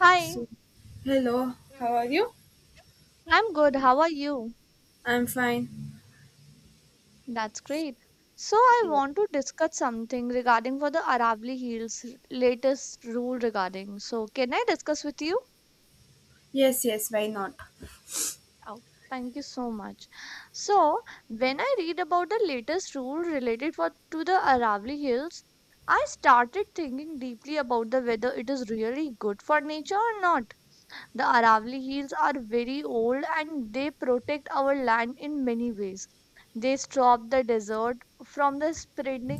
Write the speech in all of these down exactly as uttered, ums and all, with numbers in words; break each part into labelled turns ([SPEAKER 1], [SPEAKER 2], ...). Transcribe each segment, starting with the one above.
[SPEAKER 1] Hi,
[SPEAKER 2] So, hello, how are
[SPEAKER 1] i
[SPEAKER 2] you?
[SPEAKER 1] I'm good. How are you?
[SPEAKER 2] I'm fine.
[SPEAKER 1] That's great. So I
[SPEAKER 2] Yeah.
[SPEAKER 1] want to discuss something regarding for the Aravalli Hills r- latest rule regarding. So can I discuss with you?
[SPEAKER 2] Yes, yes, why not?
[SPEAKER 1] Oh, thank you so much. So when I read about the latest rule related for to the Aravalli Hills, I started thinking deeply about the whether it is really good for nature or not. The Aravali Hills are very old and they protect our land in many ways. They stop the desert from the spreading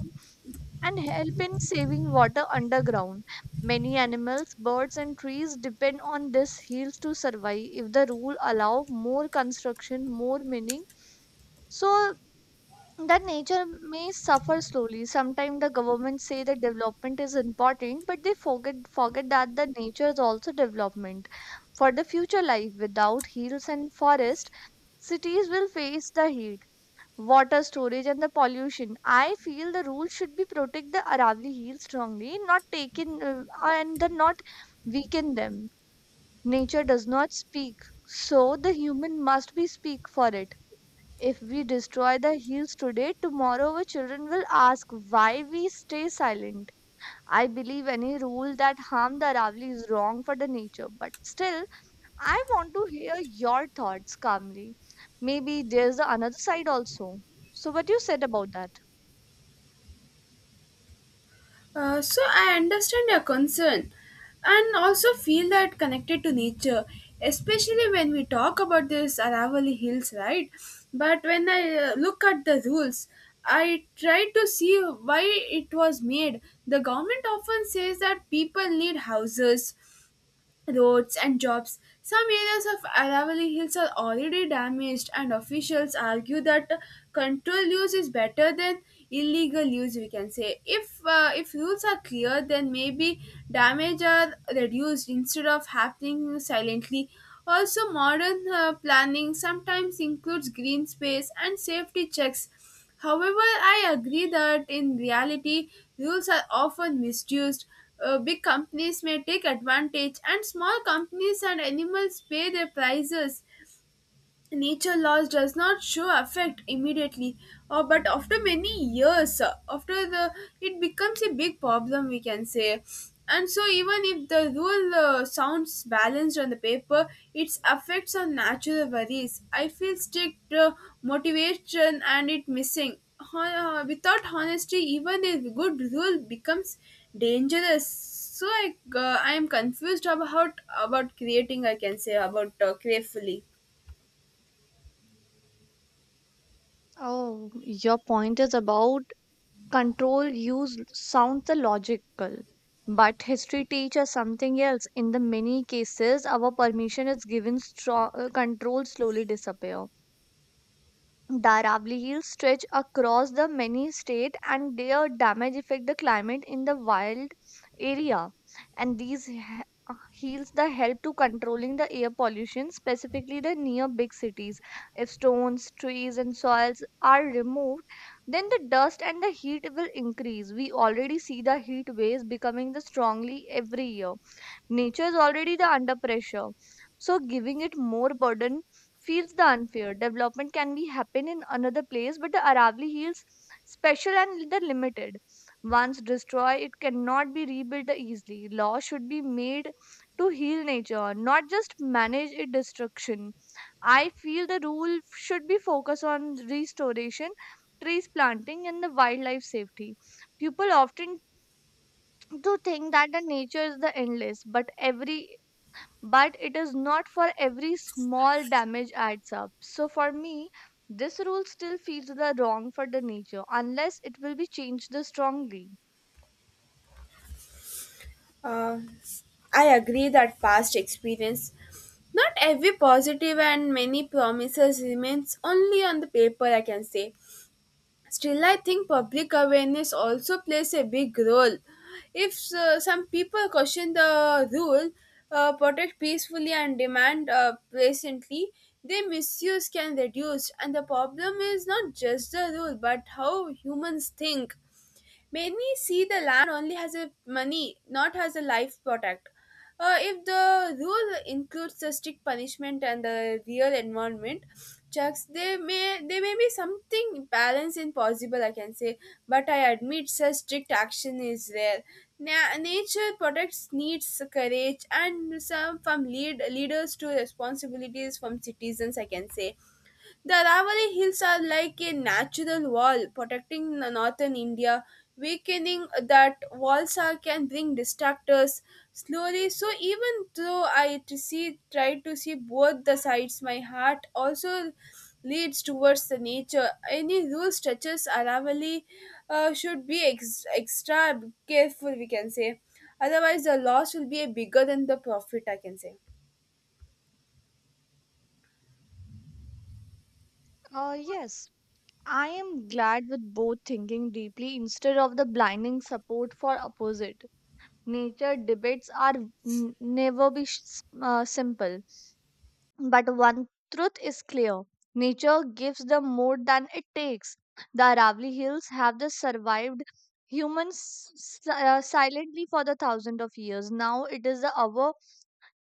[SPEAKER 1] and help in saving water underground. Many animals, birds, and trees depend on these hills to survive. If the rule allow more construction, more mining, so that nature may suffer slowly. Sometimes the government say that development is important, but they forget forget that the nature is also development. For the future life without hills and forest, cities will face the heat, water storage and the pollution. I feel the rule should be protect the Aravali hills strongly, not taken uh, and the not weaken them. Nature does not speak, so the human must be speak for it. If we destroy the hills today, tomorrow our children will ask why we stay silent. I believe any rule that harms the Aravali is wrong for the nature, but still, I want to hear your thoughts calmly. Maybe there's the another side also. So, what you said about that?
[SPEAKER 2] Uh, so, I understand your concern and also feel that connected to nature, especially when we talk about this Aravali Hills, right? But when I uh, look at the rules, I try to see why it was made. The government often says that people need houses, roads and jobs. Some areas of Aravalli Hills are already damaged, and officials argue that controlled use is better than illegal use. We can say if uh, if rules are clear, then maybe damage are reduced instead of happening silently. Also, modern uh, planning sometimes includes green space and safety checks. However, I agree that in reality, rules are often misused. Uh, big companies may take advantage, and small companies and animals pay their prices. Nature loss does not show effect immediately, uh, but after many years, uh, after the it becomes a big problem, we can say. And so even if the rule uh, sounds balanced on the paper, its effects on natural worries, I feel strict uh, motivation and it missing Hon- uh, without honesty, even a good rule becomes dangerous. So i uh, i am confused about about creating, I can say, about uh, carefully.
[SPEAKER 1] Oh, your point is about control use sounds the logical. But history teaches something else. In the many cases, our permission is given, stro- uh, control slowly disappear. The Aravalli Hills stretch across the many state and their damage affect the climate in the wild area. And these he- uh, hills the help to controlling the air pollution, specifically the near big cities. If stones, trees, and soils are removed, then the dust and the heat will increase. We already see the heat waves becoming the strongly every year. Nature is already the under pressure. So giving it more burden feels the unfair. Development can be happen in another place, but the Aravali Hills special and the limited. Once destroyed, it cannot be rebuilt easily. Law should be made to heal nature, not just manage its destruction. I feel the rule should be focused on restoration, trees planting, and the wildlife safety. People often to think that the nature is the endless, but every but it is not for every small damage adds up. So for me, this rule still feels the wrong for the nature unless it will be changed the strongly.
[SPEAKER 2] Uh, I agree that past experience, not every positive and many promises remains only on the paper, I can say. Still, I think public awareness also plays a big role. If uh, some people question the rule, uh, protect peacefully and demand uh, patiently, their misuse can reduce. And the problem is not just the rule, but how humans think, made me see the land only as a money, not as a life product. Uh, if the rule includes the strict punishment and the real environment checks, there may there may be something balance in possible, I can say, but I admit such strict action is rare. Na- nature protects needs courage and some from lead leaders to responsibilities from citizens, I can say. The Aravali Hills are like a natural wall protecting the northern India. Weakening that walls are can bring distractors slowly. So even though I to see try to see both the sides, my heart also leads towards the nature. Any rule stretches Aravali uh, should be ex- extra careful, we can say. Otherwise, the loss will be bigger than the profit, I can say.
[SPEAKER 1] Uh, yes, I am glad with both thinking deeply instead of the blinding support for opposite. Nature debates are n- never be sh- uh, simple. But one truth is clear nature gives them more than it takes. The Aravali Hills have the survived humans s- uh, silently for the thousands of years. Now it is the our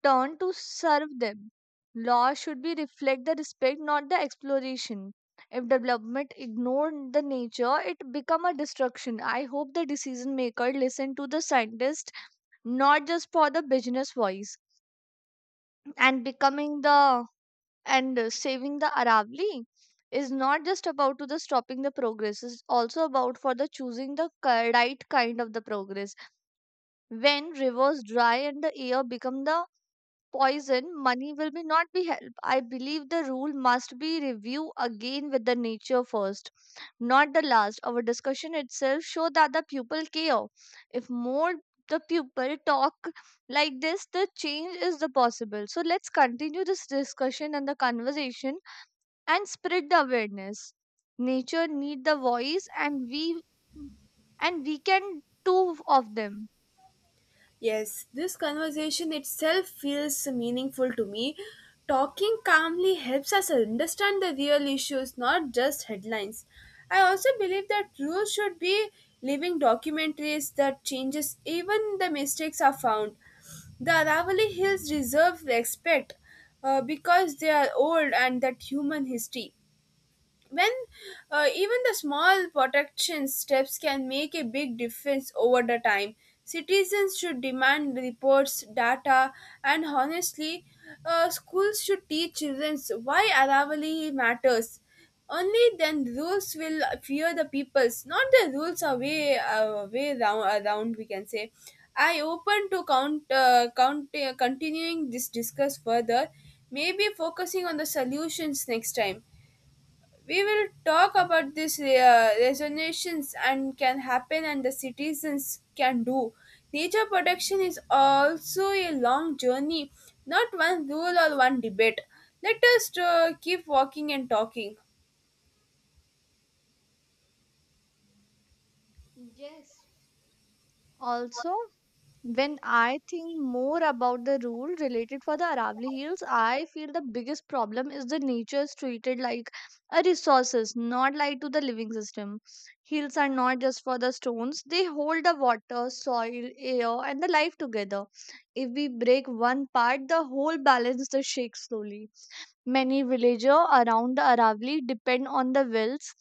[SPEAKER 1] turn to serve them. Law should be reflect the respect, not the exploration. If development ignored the nature, it become a destruction. I hope the decision maker listen to the scientist, not just for the business voice, and becoming the and uh, saving the Aravali is not just about to the stopping the progress, it's also about for the choosing the ki- right kind of the progress. When rivers dry and the air become the poison, money will be not be help. I believe the rule must be review again with the nature first, not the last. Our discussion itself show that the people care. If more the people talk like this, the change is the possible. So let's continue this discussion and the conversation and spread the awareness. Nature need the voice and we and we can two of them.
[SPEAKER 2] Yes, this conversation itself feels meaningful to me. Talking calmly helps us understand the real issues, not just headlines. I also believe that rules should be living documentaries that changes even the mistakes are found. The Aravali Hills deserve respect uh, because they are old and that human history when uh, even the small protection steps can make a big difference over the time. Citizens should demand reports data and honestly, uh, schools should teach children why Aravali matters. Only then rules will fear the peoples, not the rules are way uh, way round, around, we can say. I open to count uh, count uh, continuing this discuss further, maybe focusing on the solutions next time. We will talk about these uh, resonations and can happen and the citizens can do. Nature protection is also a long journey, not one rule or one debate. Let us uh, keep walking and talking.
[SPEAKER 1] Yes. Also, when I think more about the rule related for the Aravali Hills, I feel the biggest problem is the nature is treated like a resources, not like to the living system. Hills are not just for the stones, they hold the water, soil, air and the life together. If we break one part, the whole balance the shakes slowly. Many villagers around the Aravali depend on the wells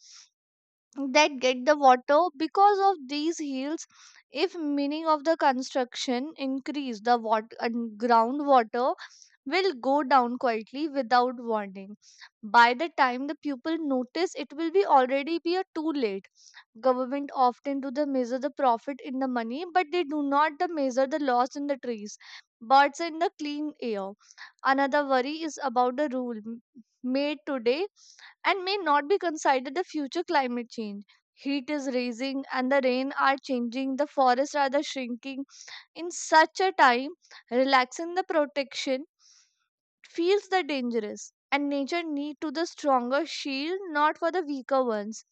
[SPEAKER 1] that get the water because of these hills. If meaning of the construction increase, the water and groundwater will go down quietly without warning. By the time the pupil notice, it will be already be a too late. Government often do the measure the profit in the money, but they do not the measure the loss in the trees, birds in the clean air. Another worry is about the rule m- made today and may not be considered the future climate change. Heat is rising and the rain are changing, the forests are the shrinking. In such a time, relaxing the protection feels the dangerous and nature need to the stronger shield, not for the weaker ones.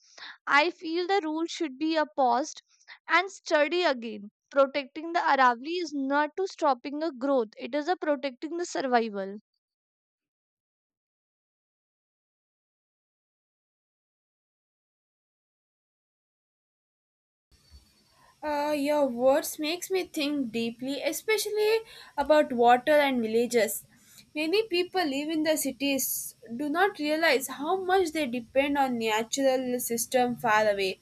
[SPEAKER 1] I feel the rule should be opposed and study again. Protecting the Aravali is not to stopping a growth, it is a protecting the survival.
[SPEAKER 2] Uh, your words makes me think deeply, especially about water and villages. Many people live in the cities do not realize how much they depend on natural system far away.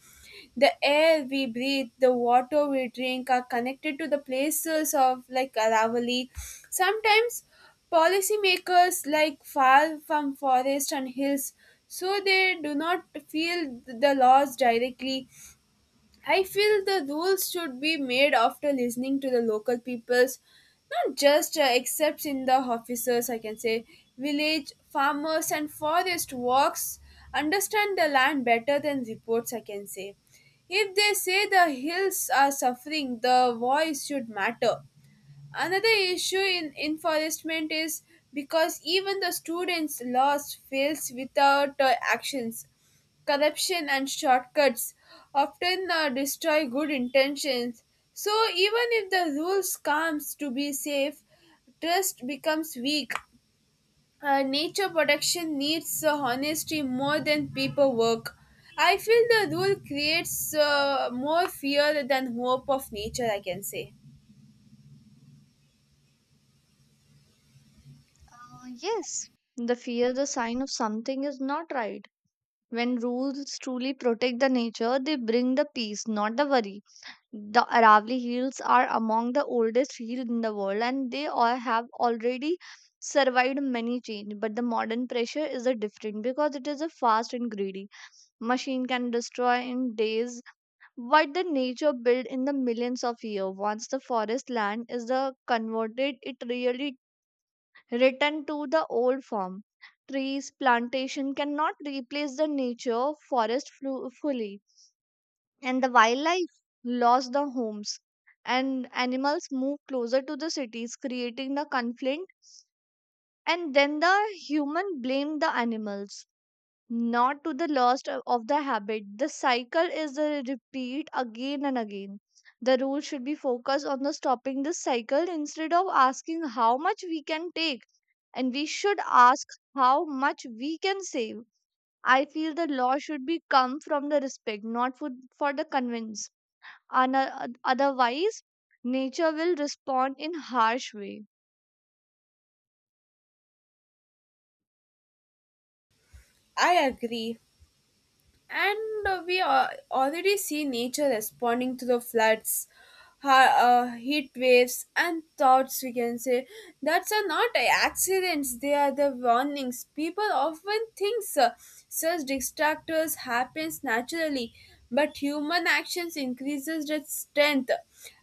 [SPEAKER 2] The air we breathe, the water we drink are connected to the places of like Aravali. Sometimes policymakers like far from forest and hills, so they do not feel the loss directly. I feel the rules should be made after listening to the local peoples, not just uh, except in the officers, I can say. Village farmers and forest walks understand the land better than reports, I can say. If they say the hills are suffering, the voice should matter. Another issue in enforcement is because even the students' laws fails without uh, actions. Corruption and shortcuts often uh, destroy good intentions. So even if the rules comes to be safe, trust becomes weak. Uh, nature protection needs uh, honesty more than paperwork. I feel the rule creates uh, more fear than hope of nature, I can say.
[SPEAKER 1] uh, Yes, the fear the sign of something is not right. When rules truly protect the nature, they bring the peace, not the worry. The Aravalli Hills are among the oldest hills in the world and they all have already survived many change, but the modern pressure is a different because it is a fast and greedy. Machine can destroy in days what the nature built in the millions of years. Once the forest land is uh, converted, it really return to the old form. Trees plantation cannot replace the nature forest flu- fully, and the wildlife lost their homes, and animals moved closer to the cities creating the conflict. And then the human blamed the animals, not to the loss of of the habit. The cycle is a repeat again and again. The rule should be focused on the stopping this cycle instead of asking how much we can take, and we should ask how much we can save. I feel the law should be come from the respect, not for, for the convince. Ana- otherwise nature will respond in harsh way.
[SPEAKER 2] I agree. And uh, we uh, already see nature responding to the floods, ha- uh, heat waves and thoughts, we can say, that are not accidents. They are the warnings. People often think uh, such distractors happens naturally, but human actions increases their strength.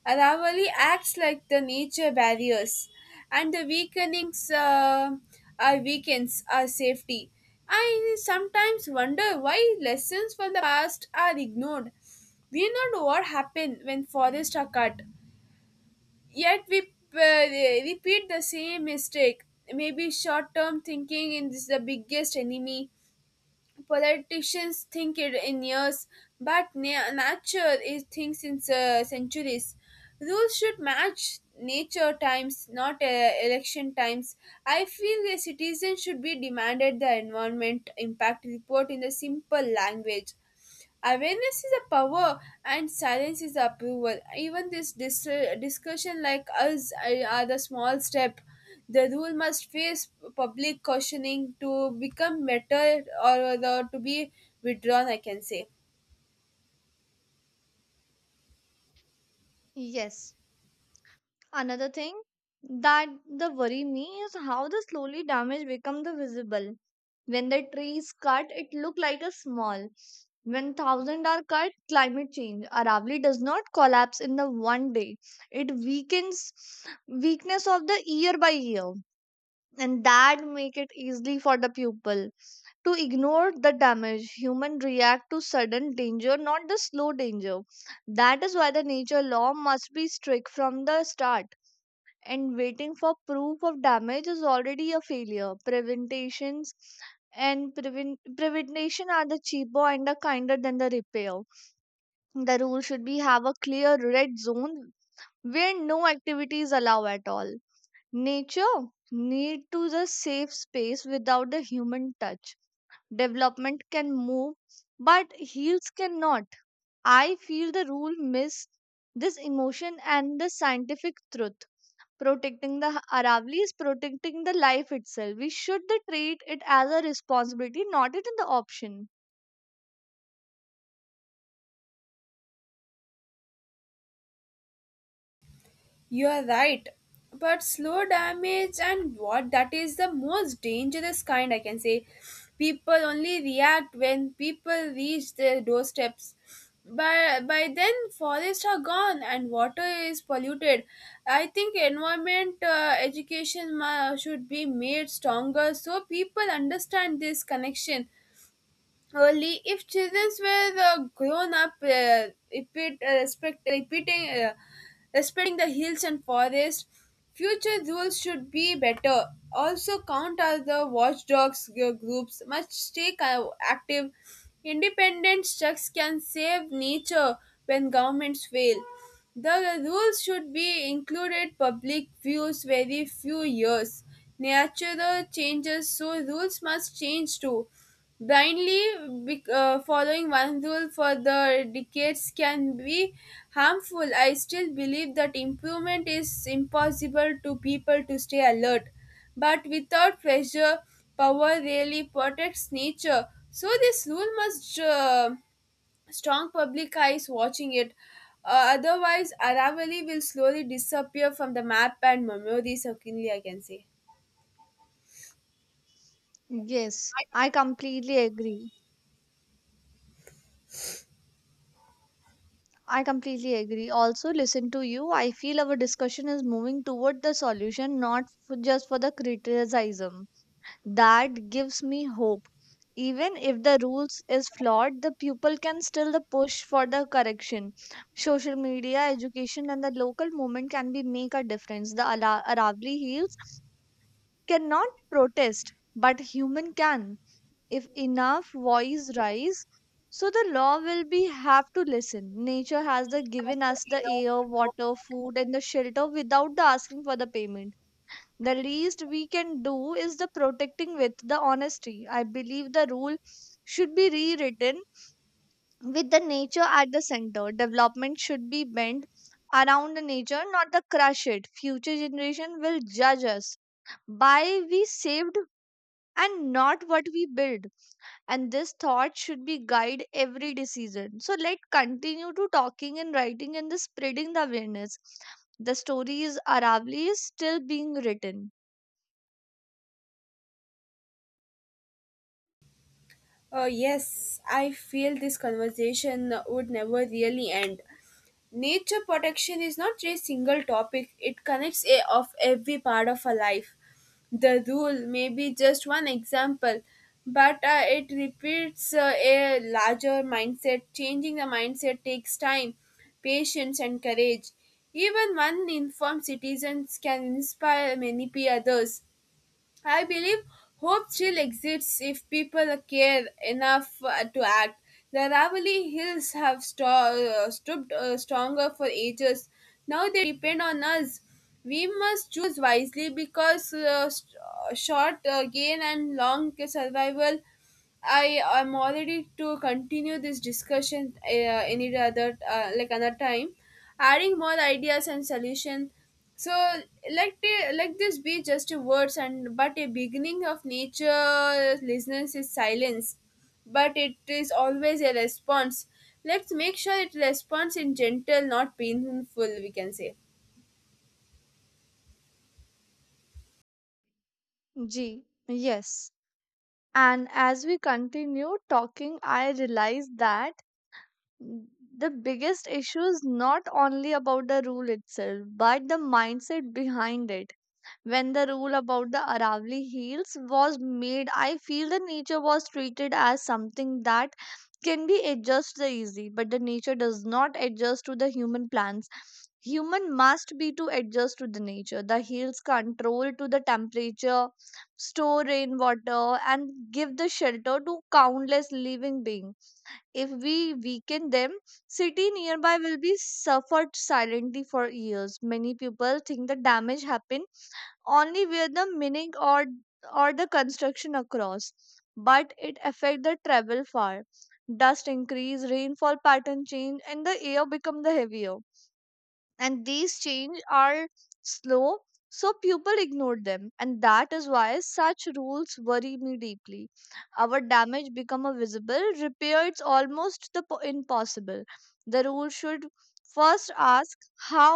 [SPEAKER 2] Aravali acts like the nature barriers, and the weakenings uh, are weakens our safety. I sometimes wonder why lessons from the past are ignored. We know no what happened when forests are cut, yet we uh, repeat the same mistake. Maybe short term thinking is the biggest enemy. Politicians think it in years, but na- nature is thinks in uh, centuries. Rules should match nature times, not uh, election times. I feel the citizens should be demanded the environment impact report in the simple language. Awareness is a power and silence is approval. Even this dis- discussion like us are are the small step. The rule must face public cautioning to become better or the, to be withdrawn, I can say.
[SPEAKER 1] Yes. Another thing that the worry me is how the slowly damage become the visible. When the trees cut it look like a small, when thousand are cut climate change. Aravali does not collapse in the one day, it weakens weakness of the year by year, and that make it easily for the pupil to ignore the damage. Human react to sudden danger, not the slow danger. That is why the nature law must be strict from the start. And waiting for proof of damage is already a failure. Preventations and prevent prevention are the cheaper and the kinder than the repair. The rule should be have a clear red zone where no activity is allowed at all. Nature need to the safe space without the human touch. Development can move, but heels cannot. I feel the rule miss this emotion and the scientific truth. Protecting the Aravali is protecting the life itself. We should the treat it as a responsibility, not it in the option.
[SPEAKER 2] You are right. But slow damage and what that is the most dangerous kind, I can say. People only react when people reach their doorsteps. But by then forests are gone and water is polluted. I think environment uh, education ma- should be made stronger so people understand this connection. Only if children were uh, grown up uh, repeat, uh, respect, repeating uh, respecting the hills and forests, future rules should be better. Also count as the watchdogs gr- groups must stay co- active. Independent checks can save nature when governments fail. The rules should be included public views very few years. Natural changes, so rules must change too. Blindly bec- uh, following one rule for the decades can be harmful. I still believe that improvement is impossible to people to stay alert. But without pressure, power really protects nature. So this rule must uh, strong public eyes watching it. Uh, otherwise, Aravalli will slowly disappear from the map and memories, certainly I can say.
[SPEAKER 1] Yes, I completely agree. I completely agree. Also, listen to you. I feel our discussion is moving toward the solution, not f- just for the criticism. That gives me hope. Even if the rules is flawed, the pupil can still the push for the correction. Social media, education and the local movement can be make a difference. The Ala- aravali hills cannot protest, but human can. If enough voice rise, so the law will be have to listen. Nature has the given us the air, water, food and the shelter without the asking for the payment. The least we can do is the protecting with the honesty. I believe the rule should be rewritten with the nature at the center. Development should be bent around the nature, not the crush it. Future generation will judge us by we saved and not what we build, and this thought should be guide every decision. So let continue to talking and writing and the spreading the awareness. The story is Aravli is still being written.
[SPEAKER 2] Uh, yes, I feel this conversation would never really end. Nature protection is not a single topic, it connects a, of every part of our life. The rule may be just one example, but uh, it repeats uh, a larger mindset. Changing the mindset takes time, patience, and courage. Even one informed citizens can inspire many p- others. I believe hope still exists if people care enough uh, to act. The Ravali Hills have sto- uh, stood uh, stronger for ages. Now they depend on us. We must choose wisely because uh, st- uh, short uh, gain and long survival. I am already to continue this discussion uh, any other uh, like another time, adding more ideas and solution. So let the- let this be just a words and but a beginning of nature listeners is silence, but it is always a response. Let's make sure it responds in gentle, not painful, we can say.
[SPEAKER 1] G. Yes. And as we continue talking, I realize that the biggest issue is not only about the rule itself, but the mindset behind it. When the rule about the Aravali Hills was made, I feel the nature was treated as something that can be adjusted easy, but the nature does not adjust to the human plans. Human must be to adjust to the nature. The hills control to the temperature, store rainwater, and give the shelter to countless living beings. If we weaken them, city nearby will be suffered silently for years. Many people think the damage happened only where the meaning or or the construction across, but it affect the travel far. Dust increase, rainfall pattern change, and the air become the heavier, and these change are slow, so people ignore them, and that is why such rules worry me deeply. Our damage become a visible repair, it's almost the po- impossible. The rule should first ask how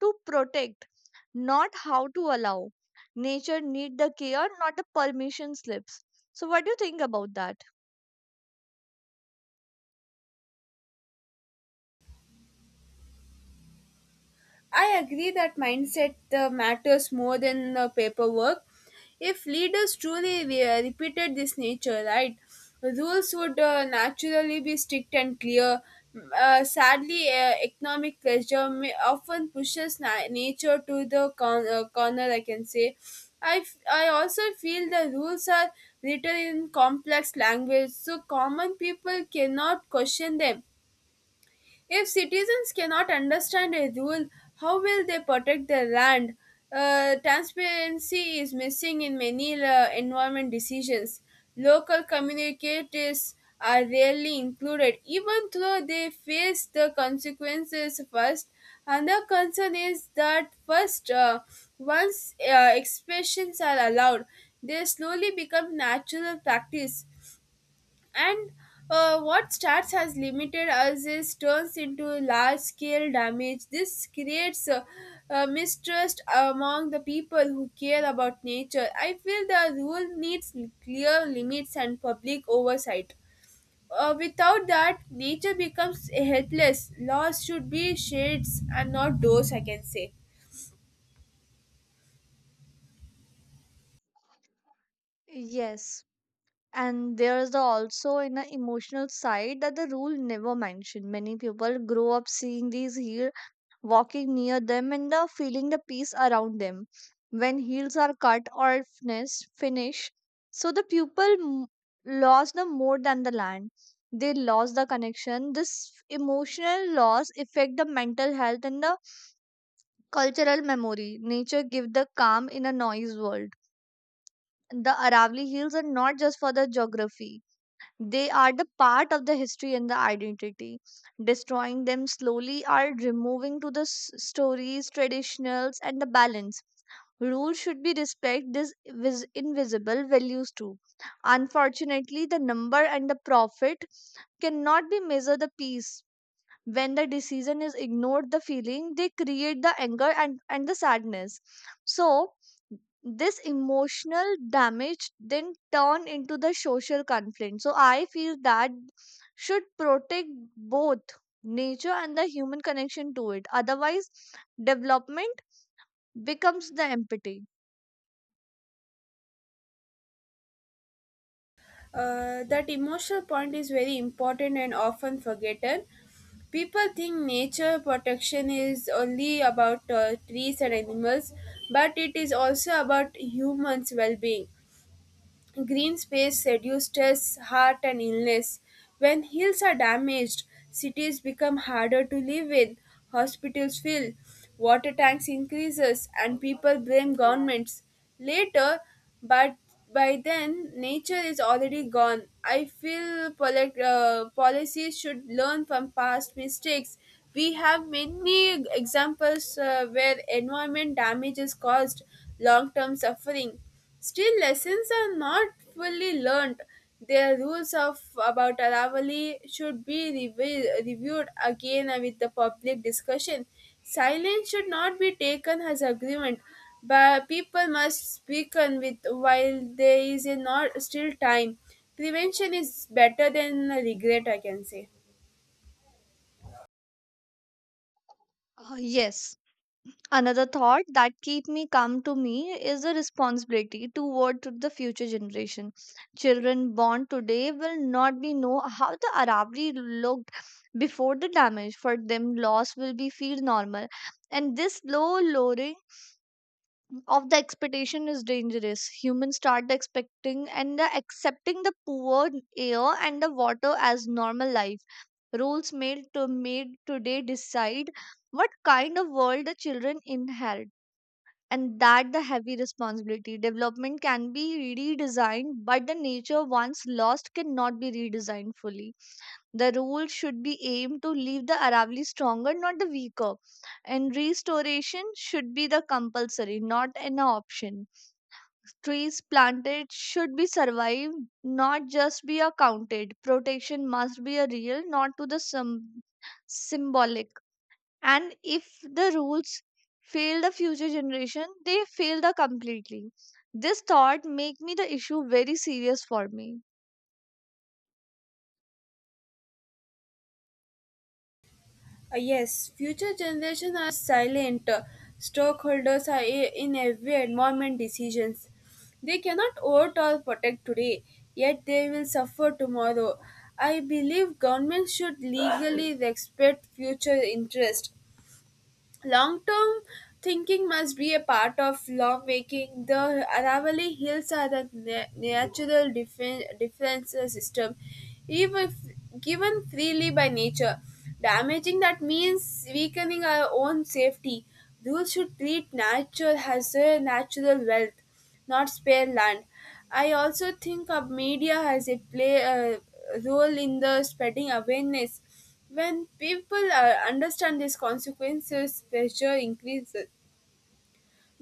[SPEAKER 1] to protect, not how to allow. Nature need the care, not the permission slips. So what do you think about that?
[SPEAKER 2] I agree that mindset uh, matters more than uh, paperwork. If leaders truly re- repeated this nature, right, rules would uh, naturally be strict and clear. M- Uh, sadly, uh, economic pressure may often pushes na- nature to the con- uh, corner, I can say. I, f- I also feel the rules are written in complex language, so common people cannot question them. If citizens cannot understand a rule, how will they protect their land? Uh, transparency is missing in many uh, environment decisions. Local communicators are rarely included, even though they face the consequences first. Another concern is that first, uh, once uh, expressions are allowed, they slowly become natural practice. And uh, what starts as limited as is turns into large scale damage. This creates uh, uh, mistrust among the people who care about nature. I feel the rule needs clear limits and public oversight. Uh, without that, nature becomes helpless. Laws should be shades and not doors, I can say.
[SPEAKER 1] Yes, and there's the also in an emotional side that the rule never mentioned. Many people grow up seeing these heel, walking near them and the feeling the peace around them. When heels are cut or finish, finish so the people m- lost the more than the land. They lost the connection. This emotional loss affect the mental health and the cultural memory. Nature give the calm in a noise world. The Aravali Hills are not just for the geography, they are the part of the history and the identity. Destroying them slowly are removing to the s- stories, traditionals, and the balance. Rules should be respect these vis- invisible values too. Unfortunately, the number and the profit cannot be measure the peace. When the decision is ignored, the feeling they create the anger and, and the sadness. So this emotional damage then turn into the social conflict, so I feel that should protect both nature and the human connection to it, otherwise development becomes the empathy.
[SPEAKER 2] Uh, that emotional point is very important and often forgotten. People think nature protection is only about uh, trees and animals, but it is also about humans' well being. Green space reduces heart and illness. When hills are damaged, cities become harder to live in, hospitals fill, water tanks increases, and people blame governments. Later, but by then, nature is already gone. I feel poli- uh, policies should learn from past mistakes. We have many examples uh, where environment damage is caused long term suffering. Still, lessons are not fully learnt. Their rules of about Aravali should be revi- reviewed again with the public discussion. Silence should not be taken as agreement, but people must speak on with while there is a not still time. Prevention is better than regret, I can say.
[SPEAKER 1] Uh, yes another thought that keep me calm to me is the responsibility toward to the future generation. Children born today will not be know how the Aravalli looked before the damage. For them, loss will be feel normal, and this low lowering of the expectation is dangerous. Humans start expecting and the accepting the poor air and the water as normal life. Rules made to made today decide what kind of world the children inherit, and that the heavy responsibility. Development can be redesigned, but the nature once lost cannot be redesigned fully. The rule should be aimed to leave the Aravali stronger, not the weaker, and restoration should be the compulsory, not an option. Trees planted should be survived, not just be accounted. Protection must be a real, not to the some symbolic. And if the rules fail the future generation, they fail the completely. This thought make me the issue very serious for me.
[SPEAKER 2] Uh, yes, future generations are silent uh, stockholders are i- in every environment decisions. They cannot vote or protect today, yet they will suffer tomorrow. I believe governments should legally respect future interest. Long term thinking must be a part of lawmaking. The Aravalli Hills are the na- natural defen- defense system, even if given freely by nature. Damaging that means weakening our own safety. Rules should treat nature as a natural wealth, not spare land. I also think of media has a play a role in the spreading awareness. When people uh, understand these consequences, pressure increases.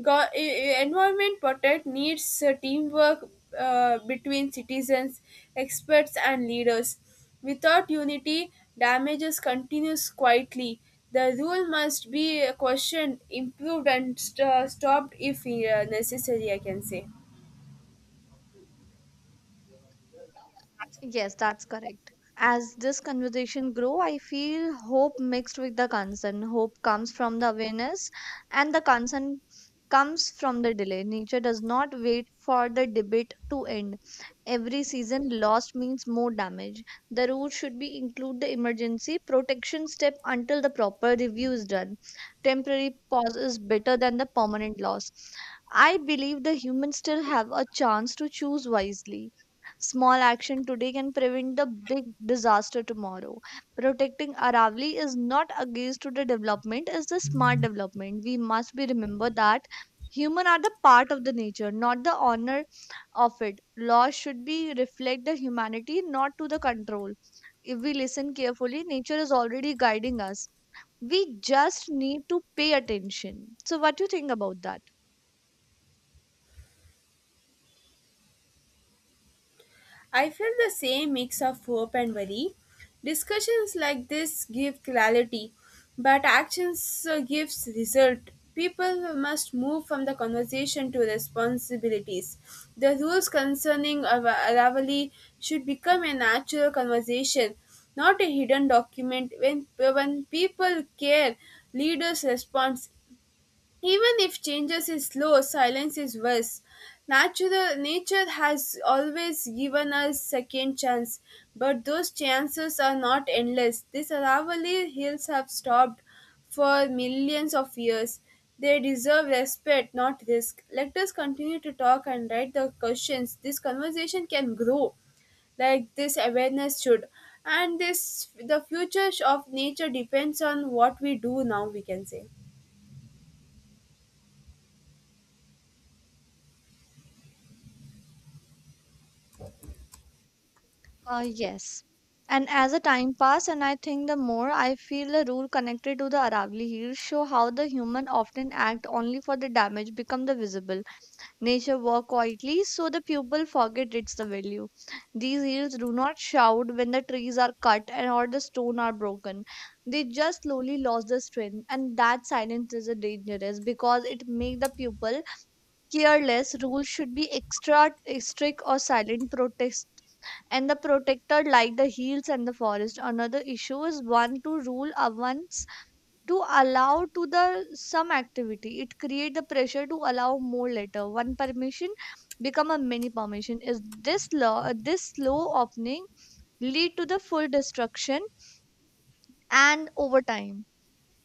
[SPEAKER 2] Go- e- e- environment protect needs uh, teamwork uh, between citizens, experts, and leaders. Without unity, damages continues quietly. The rule must be questioned, improved, and st- stopped if uh, necessary, I can say.
[SPEAKER 1] Yes, that's correct. As this conversation grow, I feel hope mixed with the concern. Hope comes from the awareness, and the concern comes from the delay. Nature does not wait for the debate to end. Every season lost means more damage. The rule should be include the emergency protection step until the proper review is done. Temporary pause is better than the permanent loss. I believe the humans still have a chance to choose wisely. Small action today can prevent the big disaster tomorrow. Protecting Aravali is not against to the development, it's the smart development. We must be remember that human are the part of the nature, not the honor of it. Laws should be reflect the humanity, not to the control. If we listen carefully, nature is already guiding us. We just need to pay attention. So what do you think about that?
[SPEAKER 2] I felt the same mix of hope and worry. Discussions like this give clarity, but actions uh, gives result. People must move from the conversation to responsibilities. The rules concerning our rivalry should become a natural conversation, not a hidden document. When, when people care, leaders respond even if changes is slow, silence is worse. Natural nature has always given us second chance, but those chances are not endless. These Aravali hills have stopped for millions of years. They deserve respect, not risk. Let us continue to talk and write the questions. This conversation can grow like this awareness should, and this the future of nature depends on what we do now, we can say.
[SPEAKER 1] Uh, yes. And as the time passed, and I think the more I feel the rule connected to the Aravalli Hills show how the human often act only for the damage become the visible. Nature work quietly, so the pupil forget its the value. These hills do not shout when the trees are cut and or the stone are broken. They just slowly lost the strength, and that silence is a dangerous because it make the pupil careless. Rules should be extra strict or silent protest, and the protector like the hills and the forest. Another issue is one to rule uh, once to allow to the some activity. It create the pressure to allow more later. One permission become a mini permission. Is this law, uh, this slow opening lead to the full destruction and over time?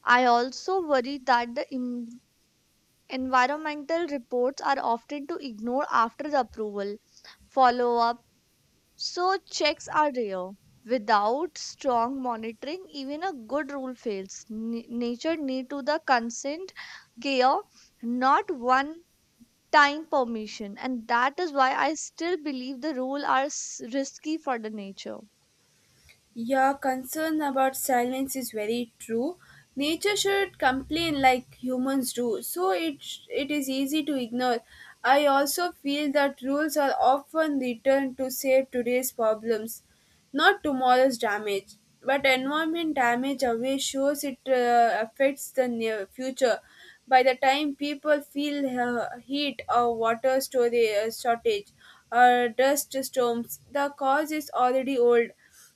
[SPEAKER 1] I also worry that the im- Environmental reports are often to ignore after the approval follow up, so checks are rare. Without strong monitoring, even a good rule fails. N- nature need to the consent care, not one time permission, and that is why I still believe the rule are s- risky for the nature.
[SPEAKER 2] Your concern about silence is very true. Nature should complain like humans do, so it it is easy to ignore. I also feel that rules are often written to save today's problems, not tomorrow's damage. But environment damage away shows it uh, affects the near future. By the time people feel uh, heat or water storage uh, shortage or dust storms, the cause is already old.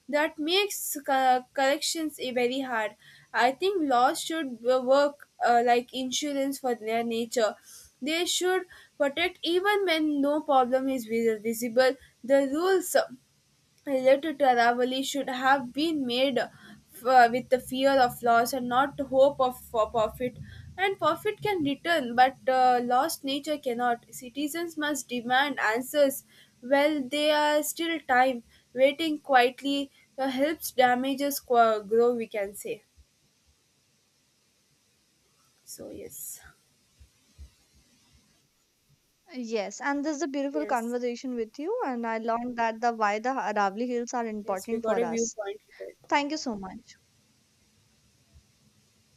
[SPEAKER 2] That makes co- corrections eh, very hard. I think laws should w- work uh, like insurance for their nature. They should protect even when no problem is vis- visible. The rules related to Aravali should have been made uh, with the fear of loss and not hope of for profit. And profit can return, but uh, lost nature cannot. Citizens must demand answers while they are still time. Waiting quietly uh, helps damages qu- grow, we can say. So, yes,
[SPEAKER 1] Yes, and this is a beautiful
[SPEAKER 2] yes,
[SPEAKER 1] conversation with you, and I learned that the why the Aravali Hills are
[SPEAKER 2] yes, we
[SPEAKER 1] important
[SPEAKER 2] got
[SPEAKER 1] for
[SPEAKER 2] a
[SPEAKER 1] us.
[SPEAKER 2] viewpoint.
[SPEAKER 1] Thank you so much.